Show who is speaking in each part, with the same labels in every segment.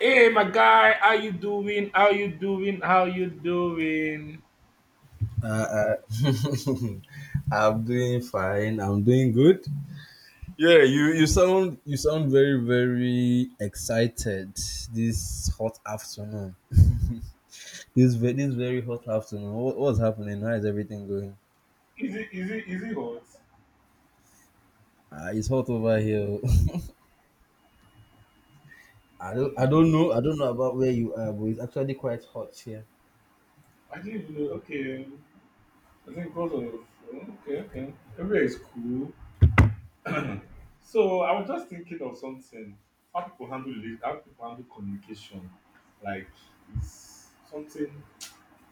Speaker 1: Hey, my guy, how you doing? How you doing? How you doing?
Speaker 2: Uh, uh, I'm doing fine. I'm doing good. Yeah, you sound you sound very excited this hot afternoon. This very hot afternoon. What's happening? How is everything going?
Speaker 1: Is it hot?
Speaker 2: It's hot over here. Oh.
Speaker 1: Hmm.
Speaker 2: I don't know about where you are, but it's actually quite hot here.
Speaker 1: I didn't even know. Okay, I think because of okay, everywhere is cool. So I was just thinking of something. How people handle it? How people handle communication? Like it's something.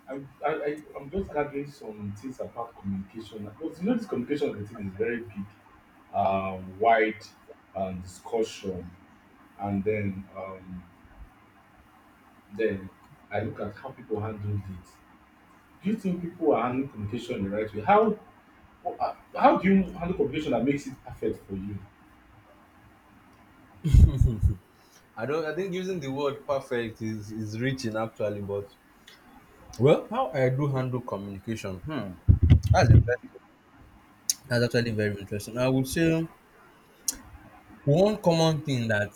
Speaker 1: I, I'm just gathering some things about communication because you know this communication of the thing is very big, wide discussion. And then I look at how people handle it. Do you think people are handling communication the right way? How how do you handle communication that makes it perfect for you?
Speaker 2: I don't I think using the word perfect is reaching actually, but well, how I do handle communication? Hmm, that's interesting. That's actually very interesting. I would say one common thing that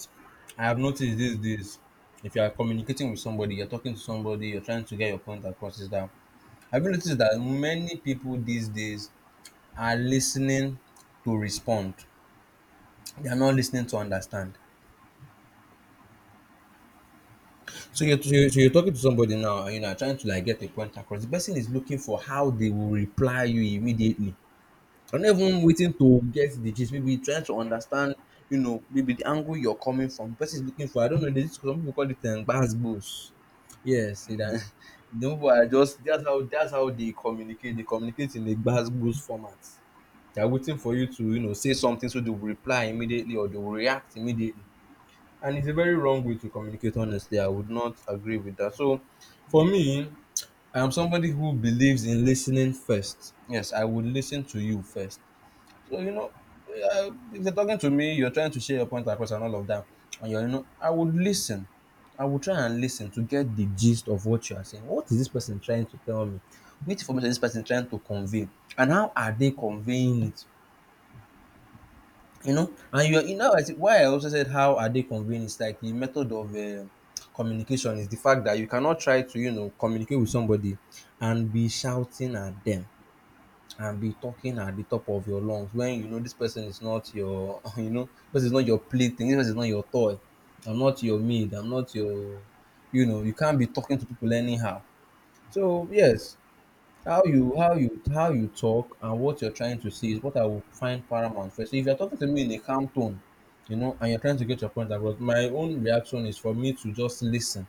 Speaker 2: I have noticed these days, if you are communicating with somebody, you're talking to somebody, you're trying to get your point across, is that I've noticed that many people these days are listening to respond. They are not listening to understand. So you're talking to somebody now, and you know, trying to like get a point across. The person is looking for how they will reply you immediately. I'm not even waiting to get the gist. Maybe trying to understand, you know, maybe the angle you're coming from. Person is looking for. I don't know. There's some people call it bass boost. Yes, see that. The people are just that's how they communicate. They communicate in a bass boost format. They are waiting for you to you know say something so they will reply immediately or they will react immediately. And it's a very wrong way to communicate. Honestly, I would not agree with that. So, for me, I am somebody who believes in listening first. Yes, I would listen to you first so, you know, if they're talking to me, you're trying to share your point across and all of that, and you're, you know, I would listen. I would try and listen to get the gist of what you are saying. What is this person trying to tell me? Which information is this person trying to convey? And how are they conveying it? You know, and you're, you know, why I also said how are they conveying is like the method of communication is the fact that you cannot try to, you know, communicate with somebody and be shouting at them and be talking at the top of your lungs when you know this person is not your you know this is not your plaything, this person is not your toy. I'm not your maid, I'm not your, you know, you can't be talking to people anyhow. So yes, how you talk and what you're trying to say is what I will find paramount first. So if you're talking to me in a calm tone, you know, and you're trying to get your point across, my own reaction is for me to just listen.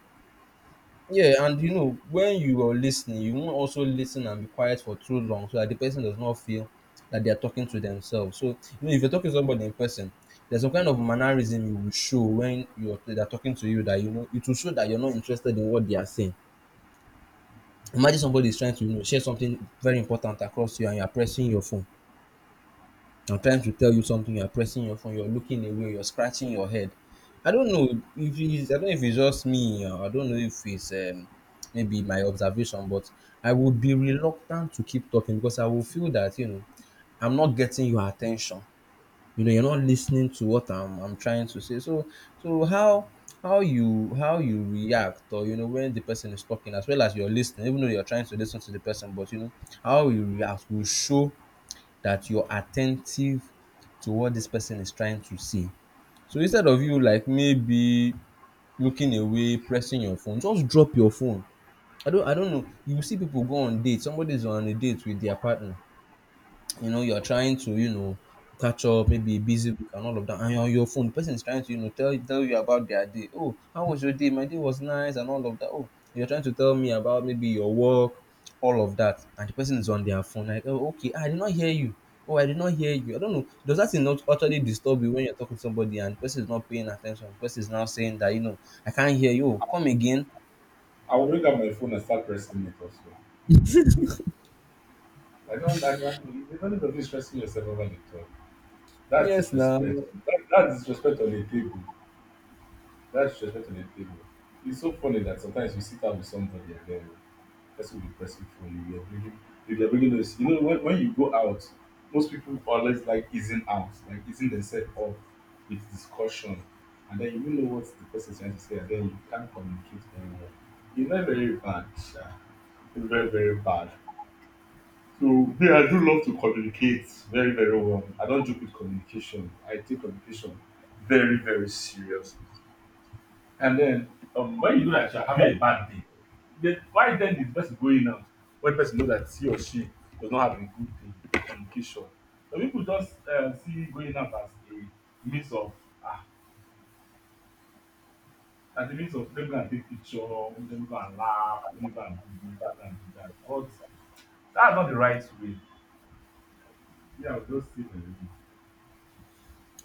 Speaker 2: Yeah, and you know, when you are listening, you won't also listen and be quiet for too long so that the person does not feel that they are talking to themselves. So, you know, if you're talking to somebody in person, there's some kind of mannerism you will show when you're they're talking to you that you know it will show that you're not interested in what they are saying. Imagine somebody is trying to you know share something very important across you and you're pressing your phone. I'm trying to tell you something, you're pressing your phone, you're looking away, you're scratching your head. I don't know I don't know if it's just me, or I don't know if it's maybe my observation, but I would be reluctant to keep talking because I will feel that, you know, I'm not getting your attention. You know, you're not listening to what I'm trying to say. So, so how how you react, or you know, when the person is talking, as well as you're listening, even though you're trying to listen to the person, but you know, how you react will show that you're attentive to what this person is trying to say. So instead of you like maybe looking away, pressing your phone, just drop your phone. I don't know. You see people go on dates. Somebody's on a date with their partner. You know, you're trying to you know catch up maybe a busy week and all of that, and you're on your phone. The person is trying to you know tell you about their day. Oh, how was your day? My day was nice and all of that. Oh, you're trying to tell me about maybe your work, all of that, and the person is on their phone like, oh, okay, I did not hear you. Oh, I did not hear you. I don't know, does that thing not utterly disturb you when you're talking to somebody and the person is not paying attention? The person is now saying that, you know, I can't hear you. Oh, come again.
Speaker 1: I will bring out my phone and start pressing it also. I don't, you don't need be stressing yourself over the talk. That's
Speaker 2: Yes, now.
Speaker 1: disrespect. That's disrespect on the table. That's disrespect on the table. It's so funny that sometimes you sit down with somebody, and then person will be pressing for you. You're bringing those. You know, when you go out, most people always like easing out, like easing themselves off with discussion, and then you don't know what the person is trying to say, and then you can't communicate very well. It's very very bad, sha. It's very very bad. So me, I do love to communicate very very well. I don't joke with communication. I take communication very very serious. And then when you know that you are having a bad day, then why then is the person going out when the person know that he or she does not have a good day communication? Some people just see going out as a means of ah as a means of let me go and take picture, let me go and laugh, let me go and do this, let me go and do that. But that's not the right way. Me, I would just say my way.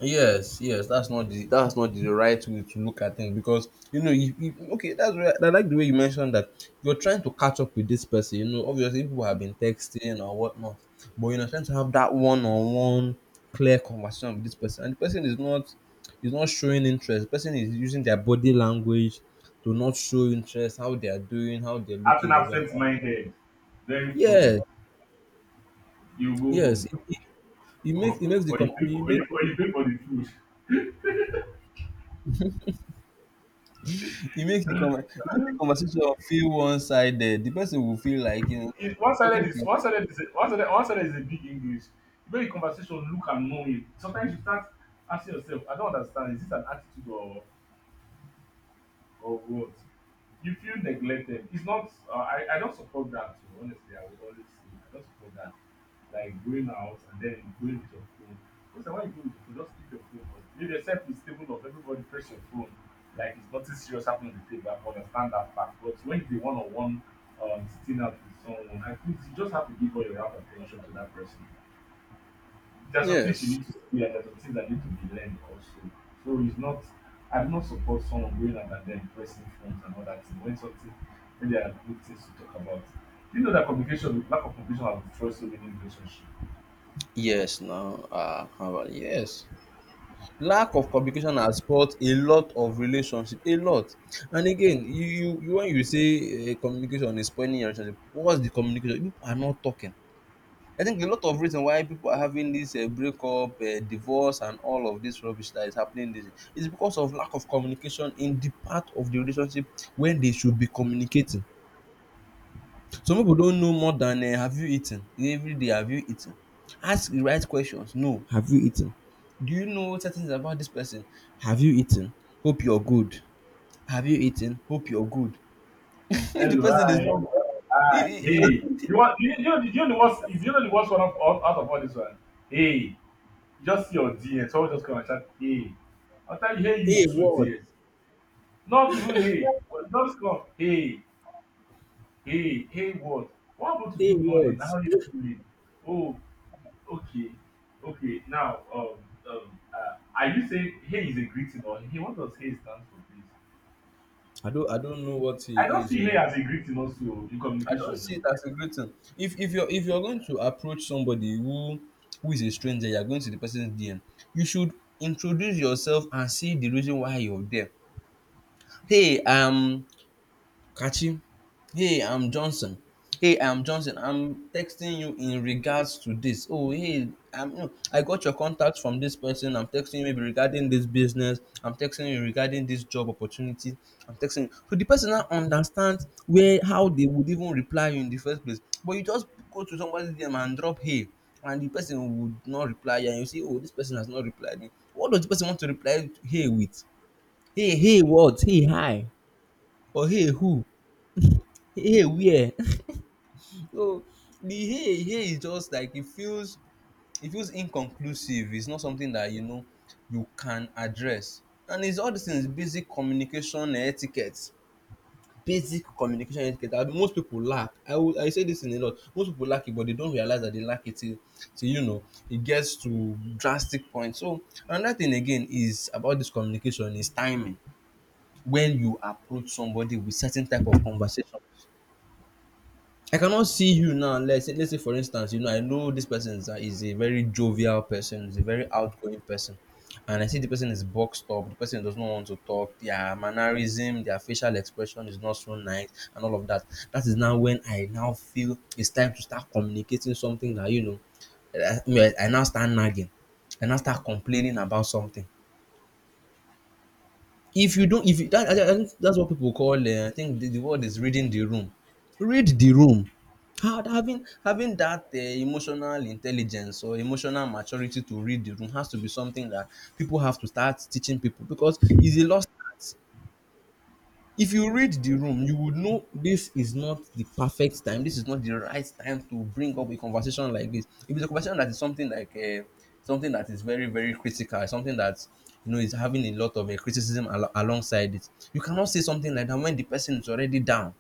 Speaker 2: Yes, that's not the right way to look at things, because you know you, you, okay, that's where I like the way you mentioned that you're trying to catch up with this person. You know, obviously people have been texting or whatnot, but you're trying to have that one-on-one clear conversation with this person, and the person is not showing interest. The person is using their body language to not show interest, how they are doing, how they're
Speaker 1: Acting
Speaker 2: looking away, and all.
Speaker 1: absent-minded, very funny.
Speaker 2: Yes,
Speaker 1: You go
Speaker 2: yes,
Speaker 1: home
Speaker 2: it, it, it makes
Speaker 1: or, or you pay for or or you pay for the food.
Speaker 2: it makes the conver it makes the conversation feel one-sided. The person will feel like, you know,
Speaker 1: It,
Speaker 2: I'm talking to you.
Speaker 1: one-sided is a big English. During the conversation, look and know him. Sometimes you start asking yourself, I don't understand. Is this an attitude or of what? You feel neglected. It's not I don't support that too, honestly. I will always say I don't support that, like going out and then going with your phone. Most of why you go with your phone, just keep your phone on, leave yourself with stable of everybody press your phone like it's nothing serious happening on the table. I understand that part, but when it's a one-on-one sitting out with someone, I think you just have to give all your heart and ten tion to that person. There are some things you
Speaker 2: Yes.
Speaker 1: need to, yeah, there are some things that need to be learned also. So it's not, I do not support someone going out and then pressing phones and all that thing when something, when there are good things to talk about. Do you know that communication, lack of communication has destroyed so many relationships?
Speaker 2: Yes, now, ah, how about yes. Lack of communication has spoilt a lot of relationship, a lot. And again, you when you say, eh, communication is spoiling your relationship, what's the communication? People are not talking. I think a lot of reason why people are having this, eh, breakup, eh, divorce and all of this rubbish that is happening. This is because of lack of communication in the part of the relationship when they should be communicating. Some people don't know more than have you eaten? Everyday have you eaten? Ask the right questions. No, have you eaten? Do you know certain things about this person? Have you eaten? Hope you're good. Have you eaten? Hope you're good. If the
Speaker 1: Hello,
Speaker 2: person is
Speaker 1: hi.
Speaker 2: not good, hey
Speaker 1: Hey. You want you know the worst, you know the worst one of all out of all this one? Hey. You just see your DM, someone just come and chat, hey. After you, hey you too,
Speaker 2: what?
Speaker 1: dear. Not even hey, but just come, hey. Hey, hey, what? What about to
Speaker 2: Hey
Speaker 1: good morning?
Speaker 2: what?
Speaker 1: How are you doing? Oh, okay, okay. Now, are you saying hey is a greeting or hey? What does hey stand for, please?
Speaker 2: I don't know what
Speaker 1: I don't
Speaker 2: he is.
Speaker 1: see hey
Speaker 2: Oh,
Speaker 1: as a greeting also in
Speaker 2: I don't see it
Speaker 1: communication.
Speaker 2: as a good thing. If you're going to approach somebody who is a stranger, you're going to the person's DM, you should introduce yourself and see the reason why you're there. Hey, Kachi. Hey, I'm Johnson. Hey, I'm Johnson. I'm texting you in regards to this. Oh, hey, no, I got your contact from this person. I'm texting you maybe regarding this business. I'm texting you regarding this job opportunity. I'm texting you. So the person now understands where how they would even reply you in the first place. But you just go to somebody's DM and drop hey, and the person would not reply you, and you see, oh, this person has not replied me. What does the person want to reply hey with? Hey, hey, what? Hey, hi, or hey who, hey where? So the hey hey is just like it feels inconclusive. It's not something that you know you can address. And it's all these things, basic communication etiquette, basic communication etiquette that most people lack. I will I say this in a lot, most people lack it, but they don't realize that they lack it till you know it gets to drastic point. So another thing again is about this communication is timing. When you approach somebody with certain type of conversation I cannot see you now. Let's say, for instance, you know, I know this person is a very jovial person, is a very outgoing person, and I see the person is boxed up. The person does not want to talk. Their mannerism, their facial expression is not so nice, and all of that. That is now when I now feel it's time to start communicating something that you know. I mean, I now start nagging. I now start complaining about something if you don't if you, that, I, think that's what people call I think the word is reading the room. Read the room. Having that emotional intelligence or emotional maturity to read the room has to be something that people have to start teaching people, because it's a lost art. If you read the room, you would know this is not the perfect time, this is not the right time to bring up a conversation like this. If it's a conversation that is something like something that is very very critical, something that you know is having a lot of criticism alongside it, you cannot say something like that when the person is already down.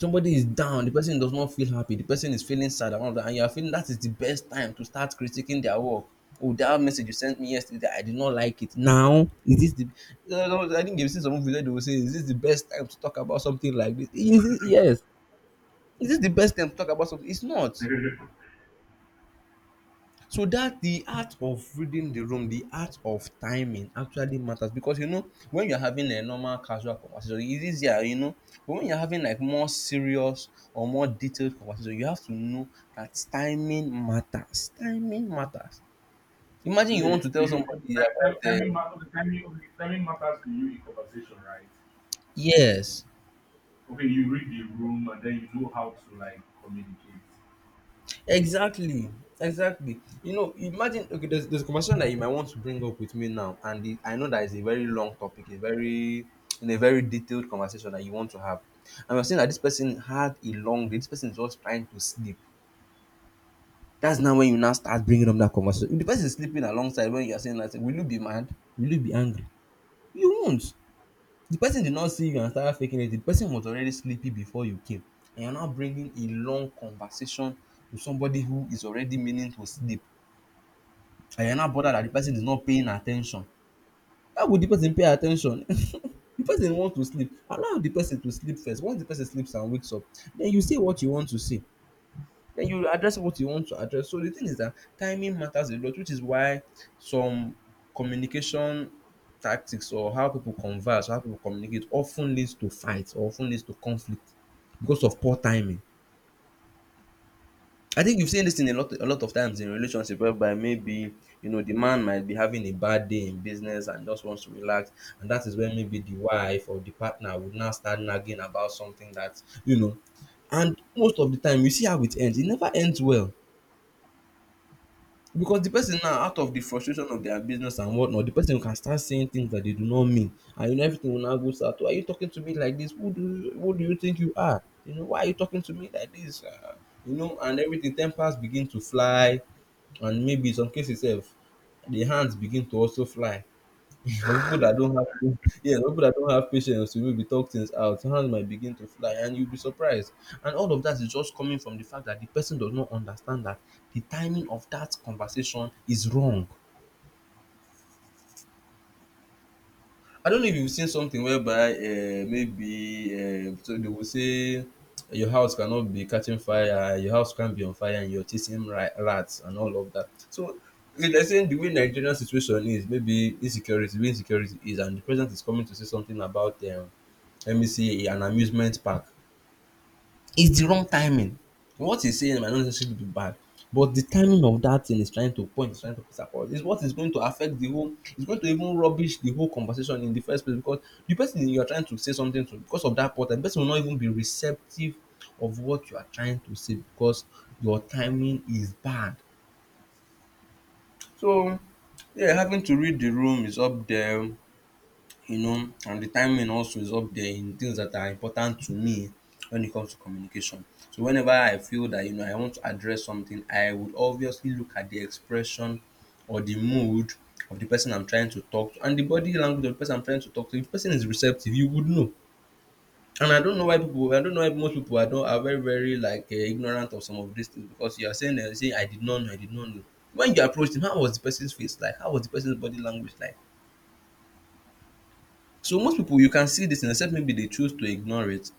Speaker 2: Somebody is down, the person does not feel happy, the person is feeling sad, and all of that, and you are feeling that is the best time to start critiquing their work. "Oh, that message you sent me yesterday, I did not like it." Now, is this the— No, no, no, I think you've seen some video, they will say, "Is this the best time to talk about something like this? Is this—" Yes? Is this the best time to talk about something? It's not.
Speaker 1: Eh.
Speaker 2: So that the art of reading the room, the art of timing actually matters, because you know when you're having a normal casual conversation, it's easier, you know. But when you're having like more serious or more detailed conversation, you have to know that timing matters. Timing matters. Imagine you want
Speaker 1: Okay,
Speaker 2: to
Speaker 1: to
Speaker 2: tell
Speaker 1: you, okay,
Speaker 2: somebody about
Speaker 1: timing matters. Okay, timing, okay, timing matters to you in conversation, right?
Speaker 2: yes,
Speaker 1: Okay, you read the room and then you know how to like communicate.
Speaker 2: exactly, exactly. You know, imagine, okay, there's a conversation that you might want to bring up with me now, and the— I know that is a very long topic, a very— in a very detailed conversation that you want to have. And we're saying that this person had a long day, this person is just trying to sleep. That's now when you now start bringing up that conversation. If the person is sleeping alongside when you're saying that, will you be mad? Will you be angry? You won't. The person did not see you and started faking it. The person was already sleepy before you came. And you're now bringing a long conversation to somebody who is already meaning to sleep, and you're not bothered that the person is not paying attention. How would the person pay attention? The person wants to sleep. Allow the person to sleep first. Once the person sleeps and wakes up, then you say what you want to say. Then you address what you want to address. So the thing is that timing matters a lot, which is why some communication tactics, or how people converse, how people communicate, often leads to fights, often leads to conflict because of poor timing. I think you've seen this in a lot of times in relationship, whereby maybe, you know, the man might be having a bad day in business and just wants to relax, and that is when maybe the wife or the partner would now start nagging about something that you know. And most of the time, you see how it ends. It never ends well, because the person, now out of the frustration of their business and whatnot, the person can start saying things that they do not mean, and you know everything will now go south. "Why are you talking to me like this? Who do you think you are? You know, why are you talking to me like this?" You know, and everything, tempers begin to fly. And maybe some cases sef, the hands begin to also fly. For people that don't have pa— yes, for people that don't have patience to maybe talk things out, hand might begin to fly and you'll be surprised. And all of that is just coming from the fact that the person does not understand that the timing of that conversation is wrong. I don't know if you've seen something whereby maybe so they will say your house cannot be catching fire, your house can't be on fire, and you're chasing rats and all of that. So if they're saying the way Nigerian situation is, maybe insecurity, the way insecurity is, and the president is coming to say something about let me see, an amusement park. It's the wrong timing. What he's saying might not necessarily be bad, but the timing of that thing is trying to point, is trying to piss across. It's what is going to affect the whole— it's going to even rubbish the whole conversation in the first place, because the person you're trying to say something to, because of that part, the person will not even be receptive of what you are trying to say, because your timing is bad. So, yeah, having to read the room is up there, you know, and the timing also is up there in things that are important to me when it comes to communication. So whenever I feel that you know I want to address something, I would obviously look at the expression or the mood of the person I'm trying to talk to, and the body language of the person I'm trying to talk to. If the person is receptive, you would know. And I don't know why people— I don't know why most people are— don't— are very, very like ignorant of some of these things, because you are saying, "I did not know, I did not know." When you approached him, how was the person's face like? How was the person's body language like? So most people you can see this. things, except maybe they choose to ignore it.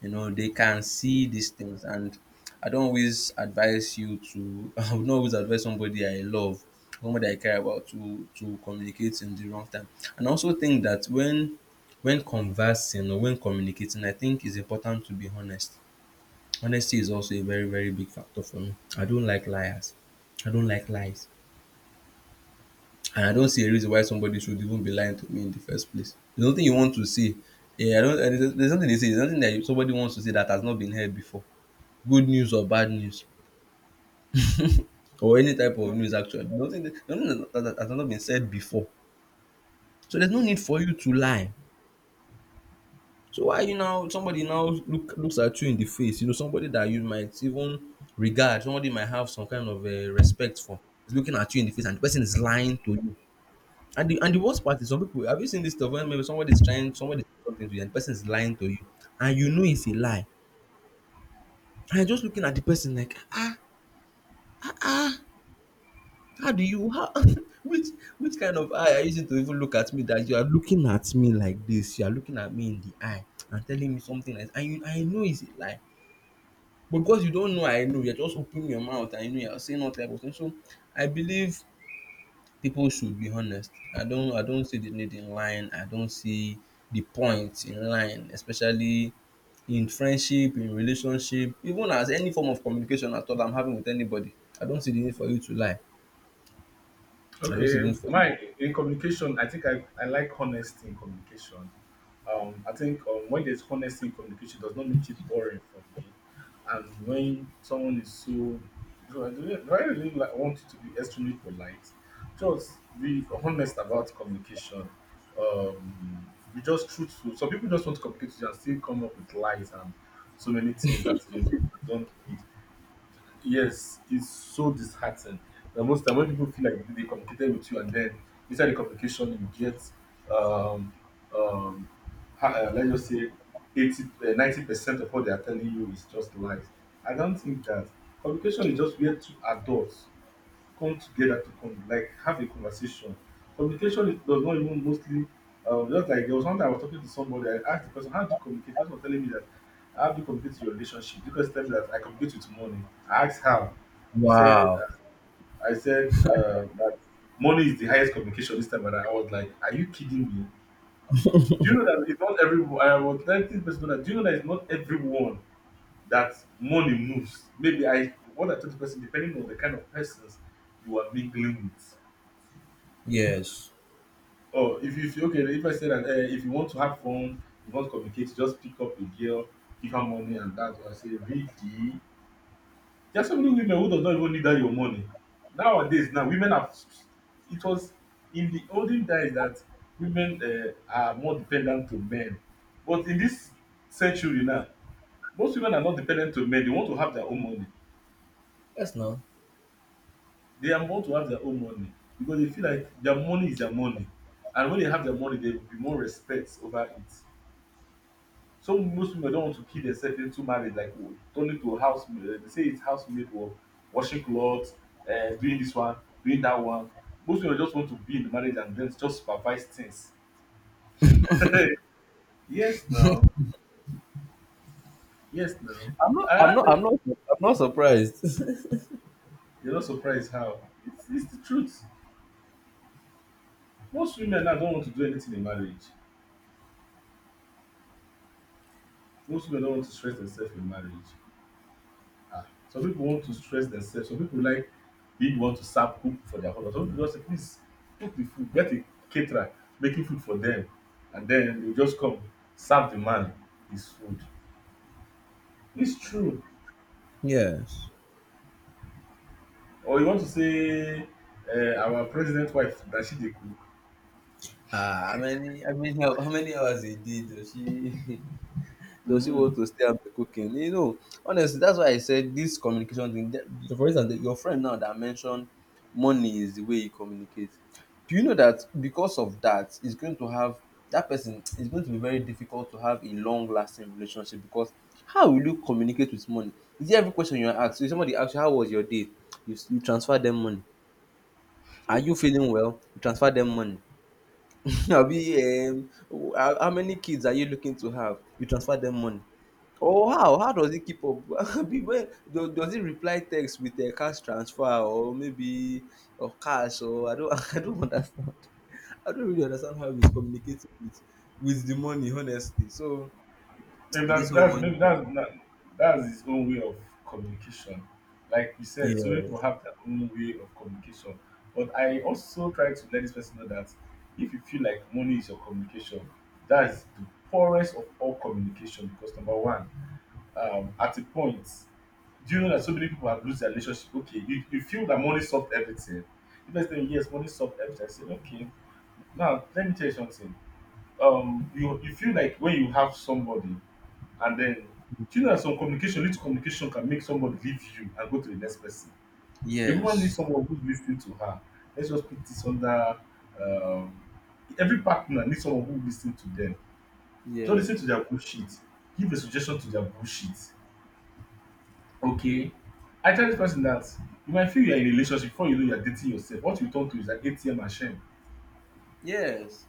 Speaker 2: You know, they can see these things, and I don't always advise you to— I would not always advise somebody I love, somebody I care about, to communicate in the wrong time. And I also think that when— when conversing or when communicating, I think it's important to be honest. Honesty is also a very, very big factor for me. I don't like liars. I don't like lies. And I don't see a reason why somebody should even be lying to me in the first place. There's nothing you want to see. Yeah, I don't. And there's nothing they say. There's nothing that you— somebody wants to say that has not been heard before. Good news or bad news, or any type of news actually. There's nothing— that— there's nothing that that has not been said before. So there's no need for you to lie. So why you now— somebody now looks at you in the face? You know somebody that you might even regard, somebody might have some kind of respect for, is looking at you in the face and the person is lying to you. And the worst part is, some people— have you seen this stuff when maybe somebody is trying— somebody says something to you and the person is lying to you, and you know it's a lie. And you're just looking at the person like, ah, ah, ah, how do you— how— which— which kind of eye are you using to even look at me, that you are looking at me like this, you are looking at me in the eye and telling me something, like— and you— I know it's a lie. But because you don't know I know, you're just opening your mouth and you know you're saying all type of things. So I believe people should be honest. I don't see the need in lying. I don't see the point in lying, especially in friendship, in relationship, even as any form of communication at all I'm having with anybody. I don't see the need for you to lie. I don't see
Speaker 1: Okay,
Speaker 2: the need for you.
Speaker 1: my in communication, I think I like honesty in communication. I think when there's honesty in communication, it does not make it boring for me. And when someone is so, do I really like, want it to be extremely polite? Just be honest about communication. Be just truthful. Some people just want to communicate with you and still come up with lies and so many things that you don't need. Yes, it's so disheartening. The most time when people feel like they communicated with you, and then inside the communication you get, um, um, let's just say, 80, 90% of what they are telling you is just lies. I don't think that communication is just where two adults come together to con like have a conversation. Communication is- does not even mostly just like, there was one time I was talking to somebody, I asked the person, how do you communicate? The person was telling me that how do you communicate with your relationship? The person told me that I communicate with money. I asked how. He said
Speaker 2: Wow.
Speaker 1: I said that money is the highest communication this time, and I was like, are you kidding me? Do you know that it's not everyone? I was telling this person that do you know that it's not everyone that money moves? Maybe I, what I told the person depending on the kind of persons you are mingling with.
Speaker 2: Yes.
Speaker 1: Oh, if you feel okay, if I say that if you want to have fun, you want to communicate, just pick up a girl, give her money, and that's why I say, really? There are so many women who does not even need that your money. Nowadays, now women have. It was in the olden days that women are more dependent to men, but in this century now, most women are not dependent to men. They want to have their own money.
Speaker 2: Yes, no.
Speaker 1: They are want to have their own money because they feel like their money is their money, and when they have their money, they will be more respect over it. Some most women don't want to kill themselves into marriage like turning to house maid, dey say it's house maid work, washing clothes, doing this one, doing that one. Most women just want to be in the marriage and then just supervise things. Yes now, yes now.
Speaker 2: I'm not I'm
Speaker 1: I,
Speaker 2: not I'm not I'm not surprised.
Speaker 1: you're not surprised how? It's the truth. Most women now don't want to do anything in marriage. Most women don't want to stress themselves in marriage. Ah, some people want to stress themselves. Some people like being want to serve cook for their husband. Some people just say, please cook the food, get a caterer, making food for them, and then they just come serve the man his food. It's true.
Speaker 2: Yes.
Speaker 1: Or you want to say our president wife that she dey cook.
Speaker 2: Ah, how many hours a day does she— does she
Speaker 1: Mm,
Speaker 2: want to stay and be cooking? You know, honestly, that's why I said this communication thing. For instance, your friend now that mentioned money is the way you communicate. Do you know that because of that, it's going to have— that person is going to be very difficult to have a long lasting relationship, because how will you communicate with money? Is it every question you are asked? If somebody asks you, "How was your day?" You— you transfer them money. "Are you feeling well?" You transfer them money. Abi, how many kids are you looking to have? You transfer them money. Oh, how? How does he keep up? Well, does he reply text with a cash transfer, or maybe, or cash, or I don't— I don't understand. I don't really understand how he's communicating with— with the money, honestly. So
Speaker 1: maybe
Speaker 2: this whole
Speaker 1: that's
Speaker 2: money.
Speaker 1: maybe that's not, that's his own way of communication. Like you said, so
Speaker 2: Yes.
Speaker 1: people have their own way of communication. But I also try to let this person know that if you feel like money is your communication, that is the poorest of all communication. Because number one, at a point, do you know that so many people have lost their relationship? Okay, you feel that money solved everything. You just say yes, money solved everything. I say okay. Now let me tell you something. You feel like when you have somebody and then, do you know that some communication, little communication can make somebody leave you and go to the next person? A woman needs
Speaker 2: Yes.
Speaker 1: someone who's listening to her. Let's just put this under. Um, every partner needs someone who listens to them. Don't listen to
Speaker 2: Yes.
Speaker 1: their bullshit. Give a suggestion to their bullshit. Okay. I tell this person that you might feel you're in a relationship before you know you're dating yourself. What you turn to is an ATM machine.
Speaker 2: Yes.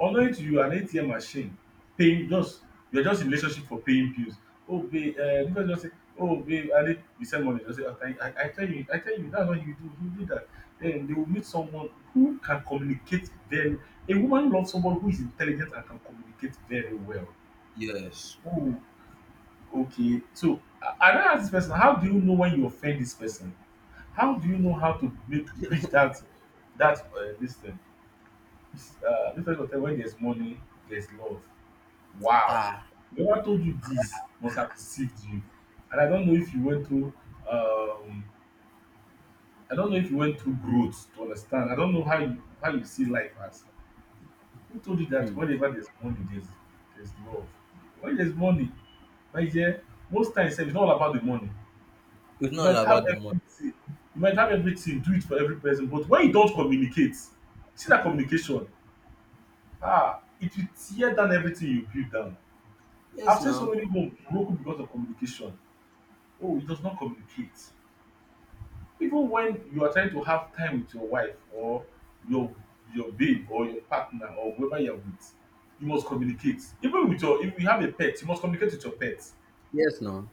Speaker 1: Unknowing to you, an ATM machine paying just, you're just in relationship for paying bills. Oh babe, because just say, oh babe, I need you send money. Just say, "Ah, thank- I tell you, that's what you do. You do that. Then they will meet someone who can communicate very. A woman loves someone who is intelligent and can communicate very well.
Speaker 2: Yes.
Speaker 1: Oh, okay. So I don't ask this person, how do you know when you offend this person? How do you know how to make bridge that this thing? It's, uh, this person will tell when there's money, there's love. Wow!
Speaker 2: Ah.
Speaker 1: No one told you this, must have deceived you. And I don't know if you went through um, I don't know if you went through growth to understand. I don't know how you see life as. Who told you that
Speaker 2: Hmm.
Speaker 1: whenever there's money there's love? When there's money, my dear, most times sef, it's not all about the money.
Speaker 2: It's
Speaker 1: You
Speaker 2: not
Speaker 1: might
Speaker 2: all
Speaker 1: have
Speaker 2: about the money.
Speaker 1: everything. You might have everything, do it for every person, but when you don't communicate, see that communication, it will tear down everything you build down. I've
Speaker 2: Yes,
Speaker 1: seen so
Speaker 2: now.
Speaker 1: many homes broken because of communication. Oh, it does not communicate. Even when you are trying to have time with your wife or your your babe or your partner or whoever you are with, you must communicate. Even with your if you have a pet, you must communicate with your pet.
Speaker 2: Yes, now.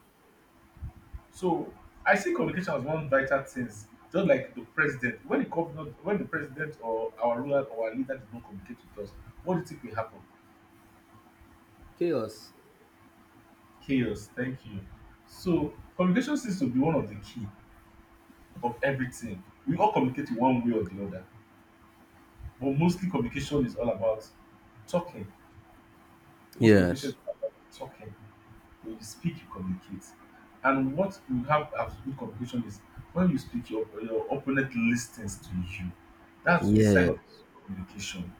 Speaker 1: So I see communication as one vital thing. Just like the president, when the governor, when the president or our ruler or our leader did not communicate with us, what do you think will happen?
Speaker 2: Chaos.
Speaker 1: Chaos. Thank you. So communication seems to be one of the key of everything. We all communicate in one way or the other. But mostly communication is all about talking. Most communication is
Speaker 2: Yes.
Speaker 1: all about talking. When you speak, you communicate. And what you have as good communication is when you speak, your opponent listens to you. That's a sign of
Speaker 2: Yes.
Speaker 1: communication.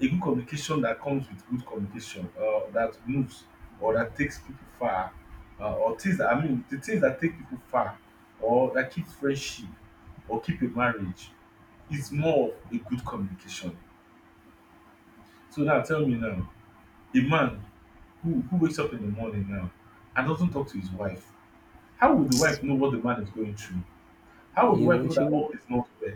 Speaker 1: A good communication that comes with good communication, that moves or that takes people far, or things that, I mean, the things that take people far, or that keep friendship, or keep a marriage, is more of a good communication. So now tell me now, a man who wakes up in the morning now and doesn't talk to his wife, how would the wife know what the man is going through? How would the
Speaker 2: He
Speaker 1: wife know
Speaker 2: would, she
Speaker 1: that
Speaker 2: would.
Speaker 1: all is not well?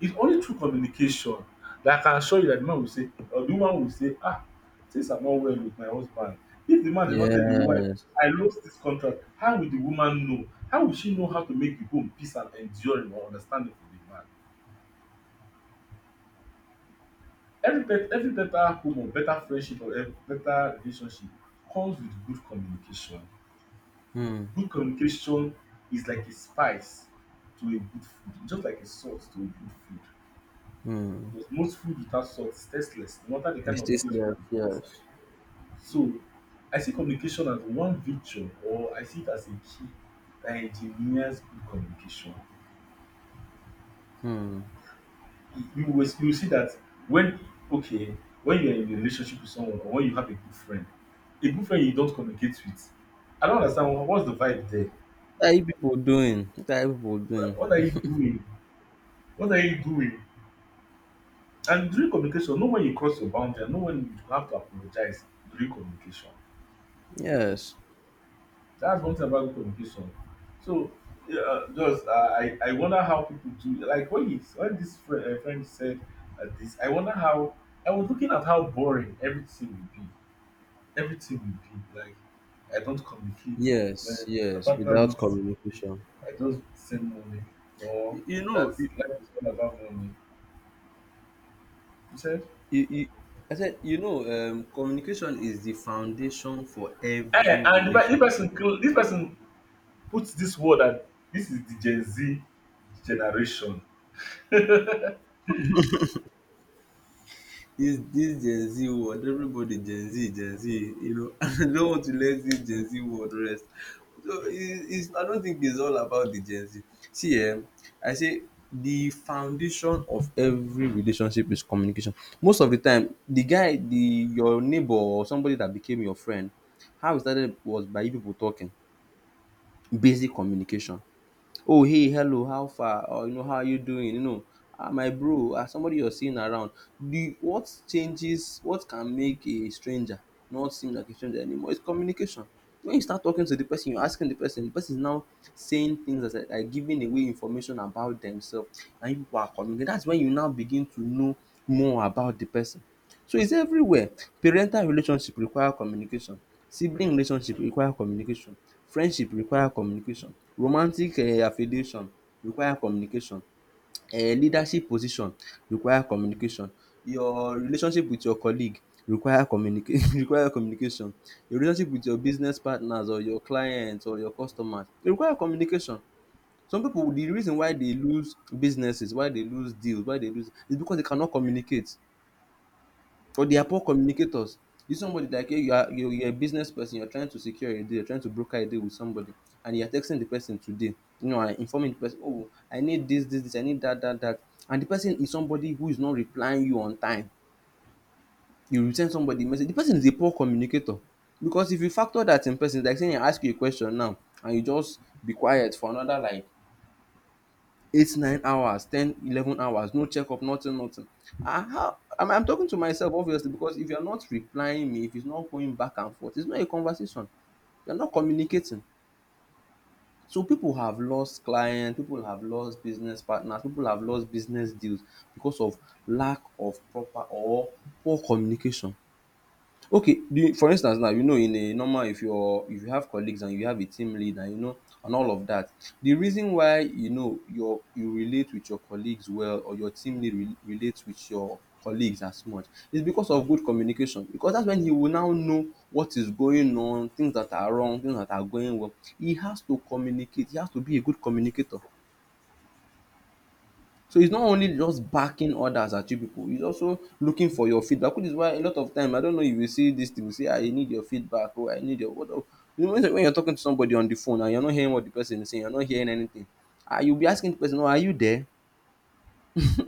Speaker 1: It's only through communication that I can assure you that the man will say, or the woman will say, ah, things are not well with my husband. If the man did not tell the wife,
Speaker 2: Yes.
Speaker 1: I lost this contract, how will the woman know? How will she know how to make the home peace and enduring or understanding for the man? Every, bet- every better home or better friendship or ev- better relationship comes with good communication.
Speaker 2: Hmm.
Speaker 1: Good communication is like a spice to a good food, just like a salt to a good food.
Speaker 2: Hmm.
Speaker 1: Because most food without salt is tasteless, no matter the kind
Speaker 2: It's
Speaker 1: of
Speaker 2: still
Speaker 1: things you want
Speaker 2: slaves,
Speaker 1: to put inside.
Speaker 2: yes.
Speaker 1: So I see communication as one virtue, or I see it as a key that engineers good communication.
Speaker 2: Hmm.
Speaker 1: You you will see that when okay, when you're in a relationship with someone or when you have a good friend you don't communicate with. I don't understand wha- what's the vibe there.
Speaker 2: What are you people doing? What are you people doing?
Speaker 1: What are you doing? What are you doing? And during communication, know when you cross your boundary and know when you have to apologize during communication.
Speaker 2: Yes,
Speaker 1: That's one thing about good communication. So, yeah, just I wonder how people do like when he when this friend, friend said this. I wonder how I was looking at how boring everything will be. Everything will be like I don't communicate. My
Speaker 2: yes,
Speaker 1: the
Speaker 2: yes.
Speaker 1: partner
Speaker 2: Without
Speaker 1: wants money.
Speaker 2: communication,
Speaker 1: I just send money or
Speaker 2: You
Speaker 1: that
Speaker 2: know, you,
Speaker 1: life is all about money. You said.
Speaker 2: you, you- I said, you know, communication is the foundation for
Speaker 1: Eh,
Speaker 2: every
Speaker 1: and the, pe- this
Speaker 2: relationship.
Speaker 1: person, cl- this person put this word that this is the Gen Z generation.
Speaker 2: This Gen Z world, everybody Gen Z, Gen Z, you know, I don't want to let this Gen Z world rest. So it's, it's I don't think it's all about the Gen Z. See, I say the foundation of every relationship is communication. Most of the time, the guy, the your neighbor or somebody that became your friend, how it started was by you people talking, basic communication. "Oh, hey, hello, how far?" Or you know, "How are you doing?" You know, "Ah, my bro, ah, somebody you're seeing around." The what changes, what can make a stranger not seem like a stranger anymore is communication. When you start talking to the person, you're asking the person is now saying things that are giving away information about themselves, and you people are communicating. That's when you now begin to know more about the person. So it's everywhere. Parental relationship require communication, sibling relationship require communication, friendship require communication, romantic affiliation require communication, leadership position require communication, your relationship with your colleague require communica require communication, your relationship with your business partners or your clients or your customers e require communication. Some pipu the reason why they lose businesses, why they lose deals, why they lose is because they cannot communicate. But they are poor communicators. If somebody like you, you're a business person, you're trying to secure a deal, you're trying to broker a deal with somebody and you're texting the person today, you know, and informing the person, "Oh, I need this, this, this, I need that, that, that." And the person is somebody who is not replying you on time. You will send somebody message. The person is a poor communicator because if you factor that in person, it's like saying I ask you a question now and you just be quiet for another like 8 9 hours 10 11 hours, no checkup, nothing, nothing. Ah, how I'm talking to myself, obviously, because if you're not replying me, if it's not going back and forth, it's not a conversation, you're not communicating. So people have lost clients, people have lost business partners, people have lost business deals because of lack of proper or poor communication. Okay, the for instance now, you know, in a normal if you're if you have colleagues and you have a team leader, you know, and all of that, the reason why you know your you relate with your colleagues well or your team lead re relates with your colleagues as much is because of good communication, because that's when he will now know what is going on, things that are wrong, things that are going well. He has to communicate, he has to be a good communicator. So it's not only just backing others at you people. It's also looking for your feedback, which is why a lot of time, I don't know if you see this thing, you say, "I need your feedback," or "I need your what the-" you know, when you're talking to somebody on the phone and you're not hearing what the person is saying, you're not hearing anything, ah, you'll be asking the person, "Oh, are you there?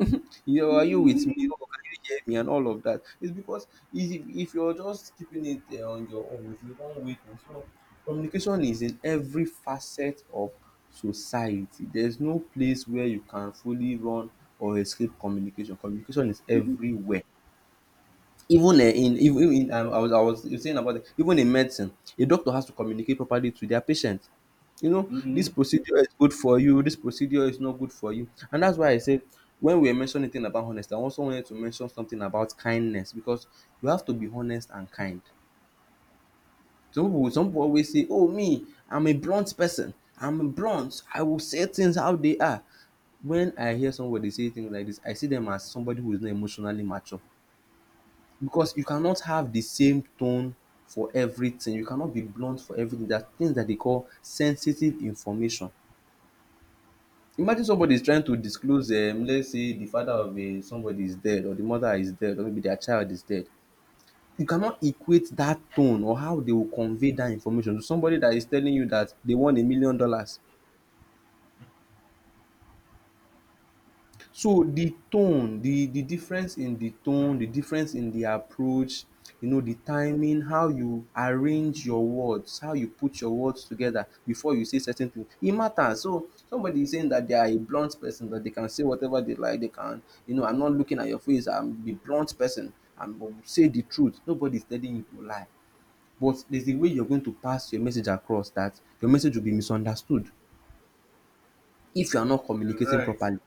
Speaker 2: you are you with me? Or can you hear me?" And all of that. It's because if you're just keeping it on your own, if you one way thing. So communication is in every facet of society. There's no place where you can fully run or escape communication. Communication is everywhere. Even in even in I was saying about it, even in medicine, a doctor has to communicate properly to their patient. You know, "This
Speaker 1: Mm-hmm.
Speaker 2: procedure is good for you, this procedure is not good for you." And that's why I said when we were mentioning thing about honesty, I also wanted to mention something about kindness, because you have to be honest and kind. Some people always say, "Oh, me, I'm a blunt person, I'm blunt, I will say things how they are." When I hear somebody say things like this, I see them as somebody who is not emotionally mature, because you cannot have the same tone for everything. You cannot be blunt for everything. There are things that they call sensitive information. Imagine somebody is trying to disclose let's say the father of somebody is dead or the mother is dead or maybe their child is dead. You cannot equate that tone or how they will convey that information to somebody that is telling you that they won $1 million. So the tone, the difference in the tone, the difference in the approach, you know, the timing, how you arrange your words, how you put your words together before you say certain thing, e matters. So somebody is saying that they are a blunt person, that they can say whatever they like, they can, you know, "I'm not looking at your face, I'm a blunt person, I'm going to say the truth." Nobody's telling you to lie. But there's a way you're going to pass your message across that your message will be misunderstood if you are not
Speaker 1: You're
Speaker 2: communicating
Speaker 1: right.
Speaker 2: properly.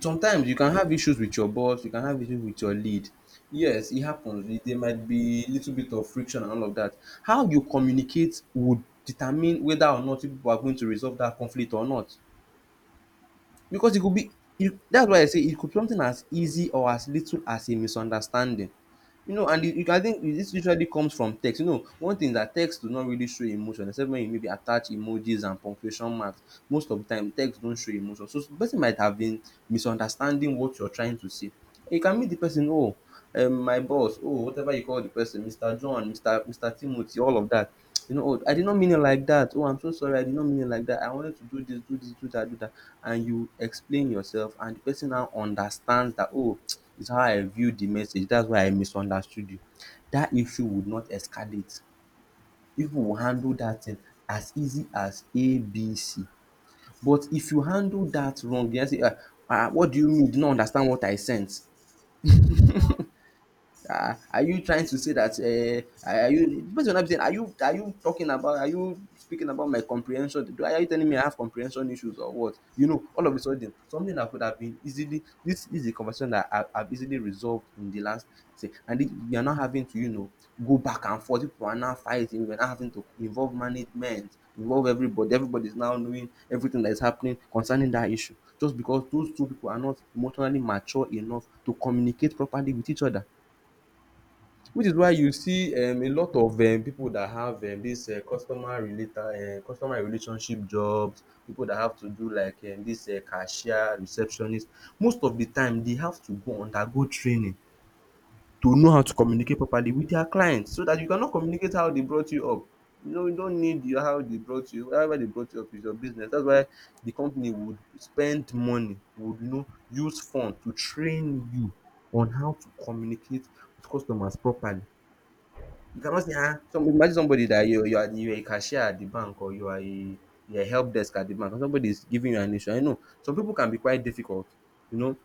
Speaker 2: Sometimes you can have issues with your boss, you can have issues with your lead. Yes, it happens. There might be a little bit of friction and all of that. How you communicate would determine whether or not you people are going to resolve that conflict or not. Because e could be you, that's why I say it could be something as easy or as little as a misunderstanding. You know, and I think this usually comes from text. You know, one thing is that text do not really show emotion except when you maybe attach emojis and punctuation marks. Most of the time text don't show emotion, so the person might have been misunderstanding what you're trying to say. You can meet the person, "Oh, my boss," oh, whatever you call the person, Mr. John, Mr. Timothy, all of that. You know, "Oh, I did not mean it like that. Oh, I'm so sorry. I did not mean it like that. I wanted to do this, do this, do that, do that." And you explain yourself, and the person now understands that, "Oh, it's how I viewed the message. That's why I misunderstood you." That issue would not escalate. People will handle that thing as easy as ABC. But if you handle that wrong, you now say, "Ah, ah, what do you mean you did not understand what I sent? Are you trying to say that are you? Are you I'm saying, are you talking about are you speaking about my comprehension? Do Are you telling me I have comprehension issues or what?" You know, all of a sudden something that could have been easily this is a conversation that I have easily resolved in the last say, and it, we are not having to, you know, go back and forth, people are now fighting, we're now having to involve management, involve everybody, everybody is now knowing everything that is happening concerning that issue just because those two people are not emotionally mature enough to communicate properly with each other. Which is why you see a lot of people that have this customer related customer relationship jobs, people that have to do like this cashier, receptionist, most of the time they have to go undergo training to know how to communicate properly with their clients. So that you cannot communicate how they brought you up. You no you no need your- how they brought you However they brought you up is your business. That's why the company would spend money, would you know, use fund to train you on how to communicate with customers properly. You cannot say, ah, some, imagine somebody that you are a cashier at the bank or you are a help desk at the bank and somebody is giving you an issue. I know some people can be quite difficult. You know,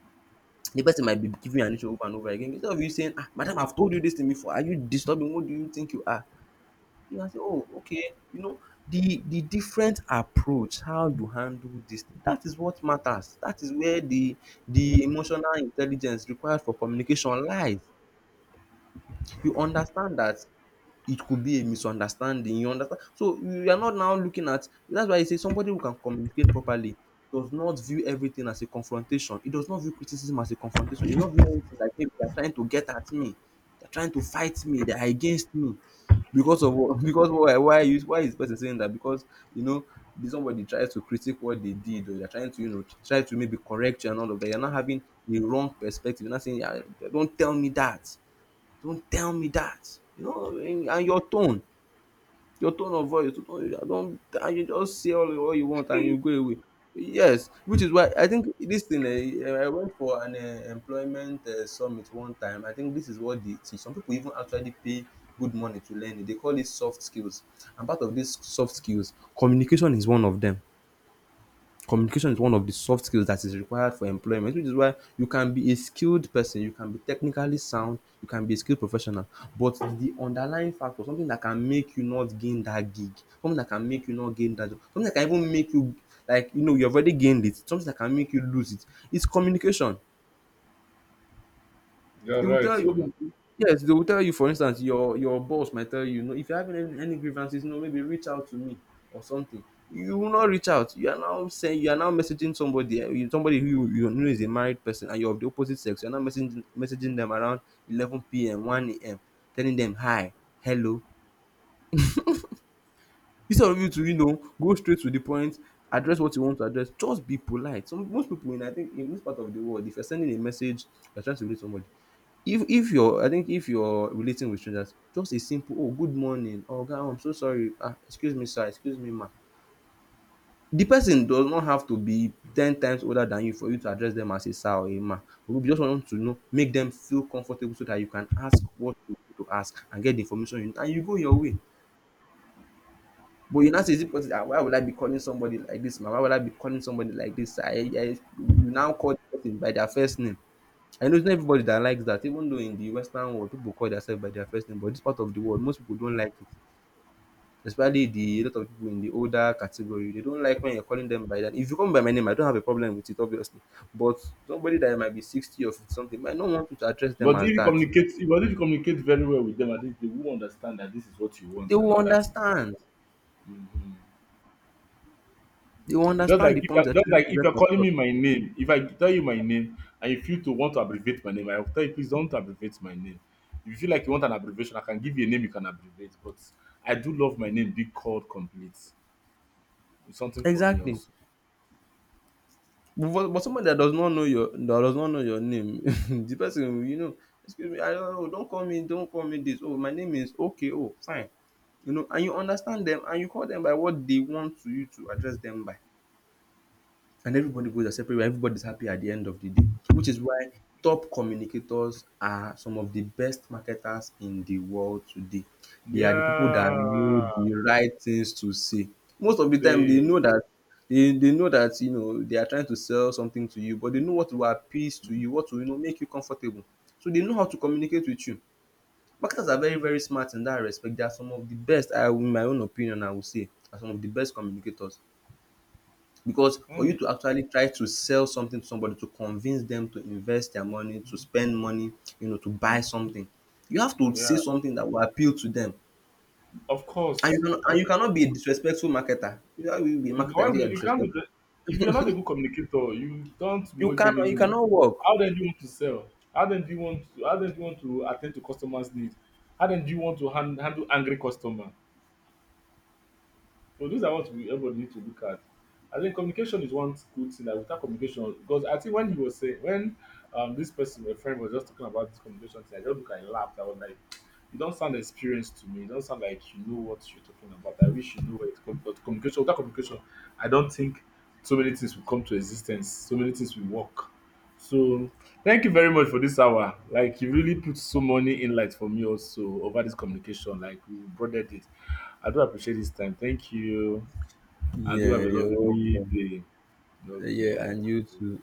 Speaker 2: the person might be giving you an issue over and over again. Instead of you saying, "Ah, madam, I've told you this thing before. Are you disturbing? What do you think you are?" You can say, "Oh, okay." You know, the different approach, how you handle this thing. That is what matters. That is where the emotional intelligence required for communication lies. You understand that it could be a misunderstanding, you understand, so you are not now looking at that's why I say somebody who can communicate properly does not view everything as a confrontation. It does not view criticism as a confrontation. He not view anything like maybe they are trying to get at me, they are trying to fight me, they are against me. Because of what? Because why? Why is person saying that? Because you know did somebody tries to critique what they did, or they're trying to, try to maybe correct you and all of that? You're not having a wrong perspective. You're not saying, yeah, don't tell me that. Don't tell me that. And your tone of voice, your tone, I don't, and you just say all what you want and you go away. Yes, which is why I think this thing. I went for an employment summit one time. I think this is what they teach. Some people even actually pay good money to learn it. They call it soft skills, and part of these soft skills, communication is one of them. Communication is one of the soft skills that is required for employment, which is why you can be a skilled person, you can be technically sound, you can be a skilled professional, but the underlying factor, something that can make you not gain that gig, something that can make you not gain that job, something that can even make you, like, you've already gained it, something that can make you lose it, is communication.
Speaker 1: You're
Speaker 2: They will
Speaker 1: right.
Speaker 2: tell you,
Speaker 1: So.
Speaker 2: okay, yes, they will tell you, for instance, your boss might tell you, no, if you're having any grievances, no, maybe reach out to me or something. You will not reach out. You are now saying you are now messaging somebody, eh, you- somebody who you, you know is a married person and you're of the opposite sex. You're now messaging them around 11 p.m., 1 a.m., telling them hi, hello. Instead of you to go straight to the point, address what you want to address. Just be polite. Some most people in, I think, in this part of the world, if you're sending a message, you're trying to reach somebody. If you're, I think if you're relating with strangers, just a simple oh good morning or oga so sorry, excuse me sir, excuse me ma. The person does not have to be 10 times older than you for you to address them as a sir or a ma. You just want to know make dem feel comfortable so dat you can ask what you need to ask and get the information you need and you go your way. But you now say is it possible, why would I be calling somebody like dis ma, why would I be calling somebody like dis sir, you now call the person by their first name. I know it's not everybody that likes that, even though in the Western world people call themselves by their first name, but this part of the world, most people don't like it. Especially the lot of people in the older category, they don't like when you're calling them by that. If you call me by my name, I don't have a problem with it, obviously. But somebody that might be 60 or 50 something might not want you to address them
Speaker 1: But if
Speaker 2: as
Speaker 1: you
Speaker 2: that.
Speaker 1: communicate, but if you communicate very well with them, at least they will understand that this is what you
Speaker 2: They
Speaker 1: want and
Speaker 2: will
Speaker 1: all that things.
Speaker 2: understand.
Speaker 1: Mm-hmm.
Speaker 2: They will
Speaker 1: Just
Speaker 2: understand
Speaker 1: like
Speaker 2: the
Speaker 1: if you're,
Speaker 2: point you're
Speaker 1: just
Speaker 2: trying
Speaker 1: like
Speaker 2: to
Speaker 1: if you're
Speaker 2: get
Speaker 1: calling me
Speaker 2: across.
Speaker 1: my name, if I tell you my name and you feel to want to abbreviate my name, I will tell you please don't abbreviate my name. If you feel like you want an abbreviation, I can give you a name you can abbreviate. But I do love my name being called complete. It's something for me
Speaker 2: Exactly.
Speaker 1: also.
Speaker 2: But, for- but somebody that does not know your that does not know your name, the person will, excuse me, I don't know, don't call me this. Oh, my name is okay, oh, fine. And you understand them and you call them by what they want to you to address them by, and everybody goes their separate way, everybody's happy at the end of the day, which is why top communicators are some of the best marketers in the world today. They are the people that know
Speaker 1: Yeah.
Speaker 2: the right things to say most of the time. They
Speaker 1: See,
Speaker 2: know that they know that, they are trying to sell something to you, but they know what will appease to you, what will, make you comfortable, so they know how to communicate with you. Marketers are very smart in that respect. They are some of the best, I, in my own opinion, I would say are some of the best communicators, because for you
Speaker 1: mm,
Speaker 2: to actually try to sell something to somebody, to convince them to invest their money, to spend money, to buy
Speaker 1: mm,
Speaker 2: something, you have to
Speaker 1: yeah,
Speaker 2: say something that will appeal to them.
Speaker 1: of
Speaker 2: And you
Speaker 1: course,
Speaker 2: cannot and
Speaker 1: of
Speaker 2: you cannot
Speaker 1: course.
Speaker 2: be a disrespectful marketer. You know you be a marketer and say you are
Speaker 1: You can't be
Speaker 2: disrespectful.
Speaker 1: the, if you're not a good communicator, you don't make any
Speaker 2: You
Speaker 1: move.
Speaker 2: cannot work.
Speaker 1: How then do you want to sell? How then do you want to, how then do you want to attend to customers' needs? How then do you want to hand, handle angry customer? So these are what we everybody need to look at. I think communication is one good thing that without communication, because I think when he was saying when this person, my friend, was just talking about this communication thing, I just look and laughed. I was like, you don't sound experienced to me. You don't sound like you know what you're talking about. I wish you know it. Com- but communication without communication, I don't think so many things will come to existence. So many things will work. So thank you very much for this hour. Like you really put so many insights for me also over this communication. Like we broadened it. I do appreciate this time. Thank you. And do have
Speaker 2: Yeah,
Speaker 1: a
Speaker 2: you're
Speaker 1: lovely
Speaker 2: welcome.
Speaker 1: day.
Speaker 2: Yeah,
Speaker 1: Okay.
Speaker 2: and you too.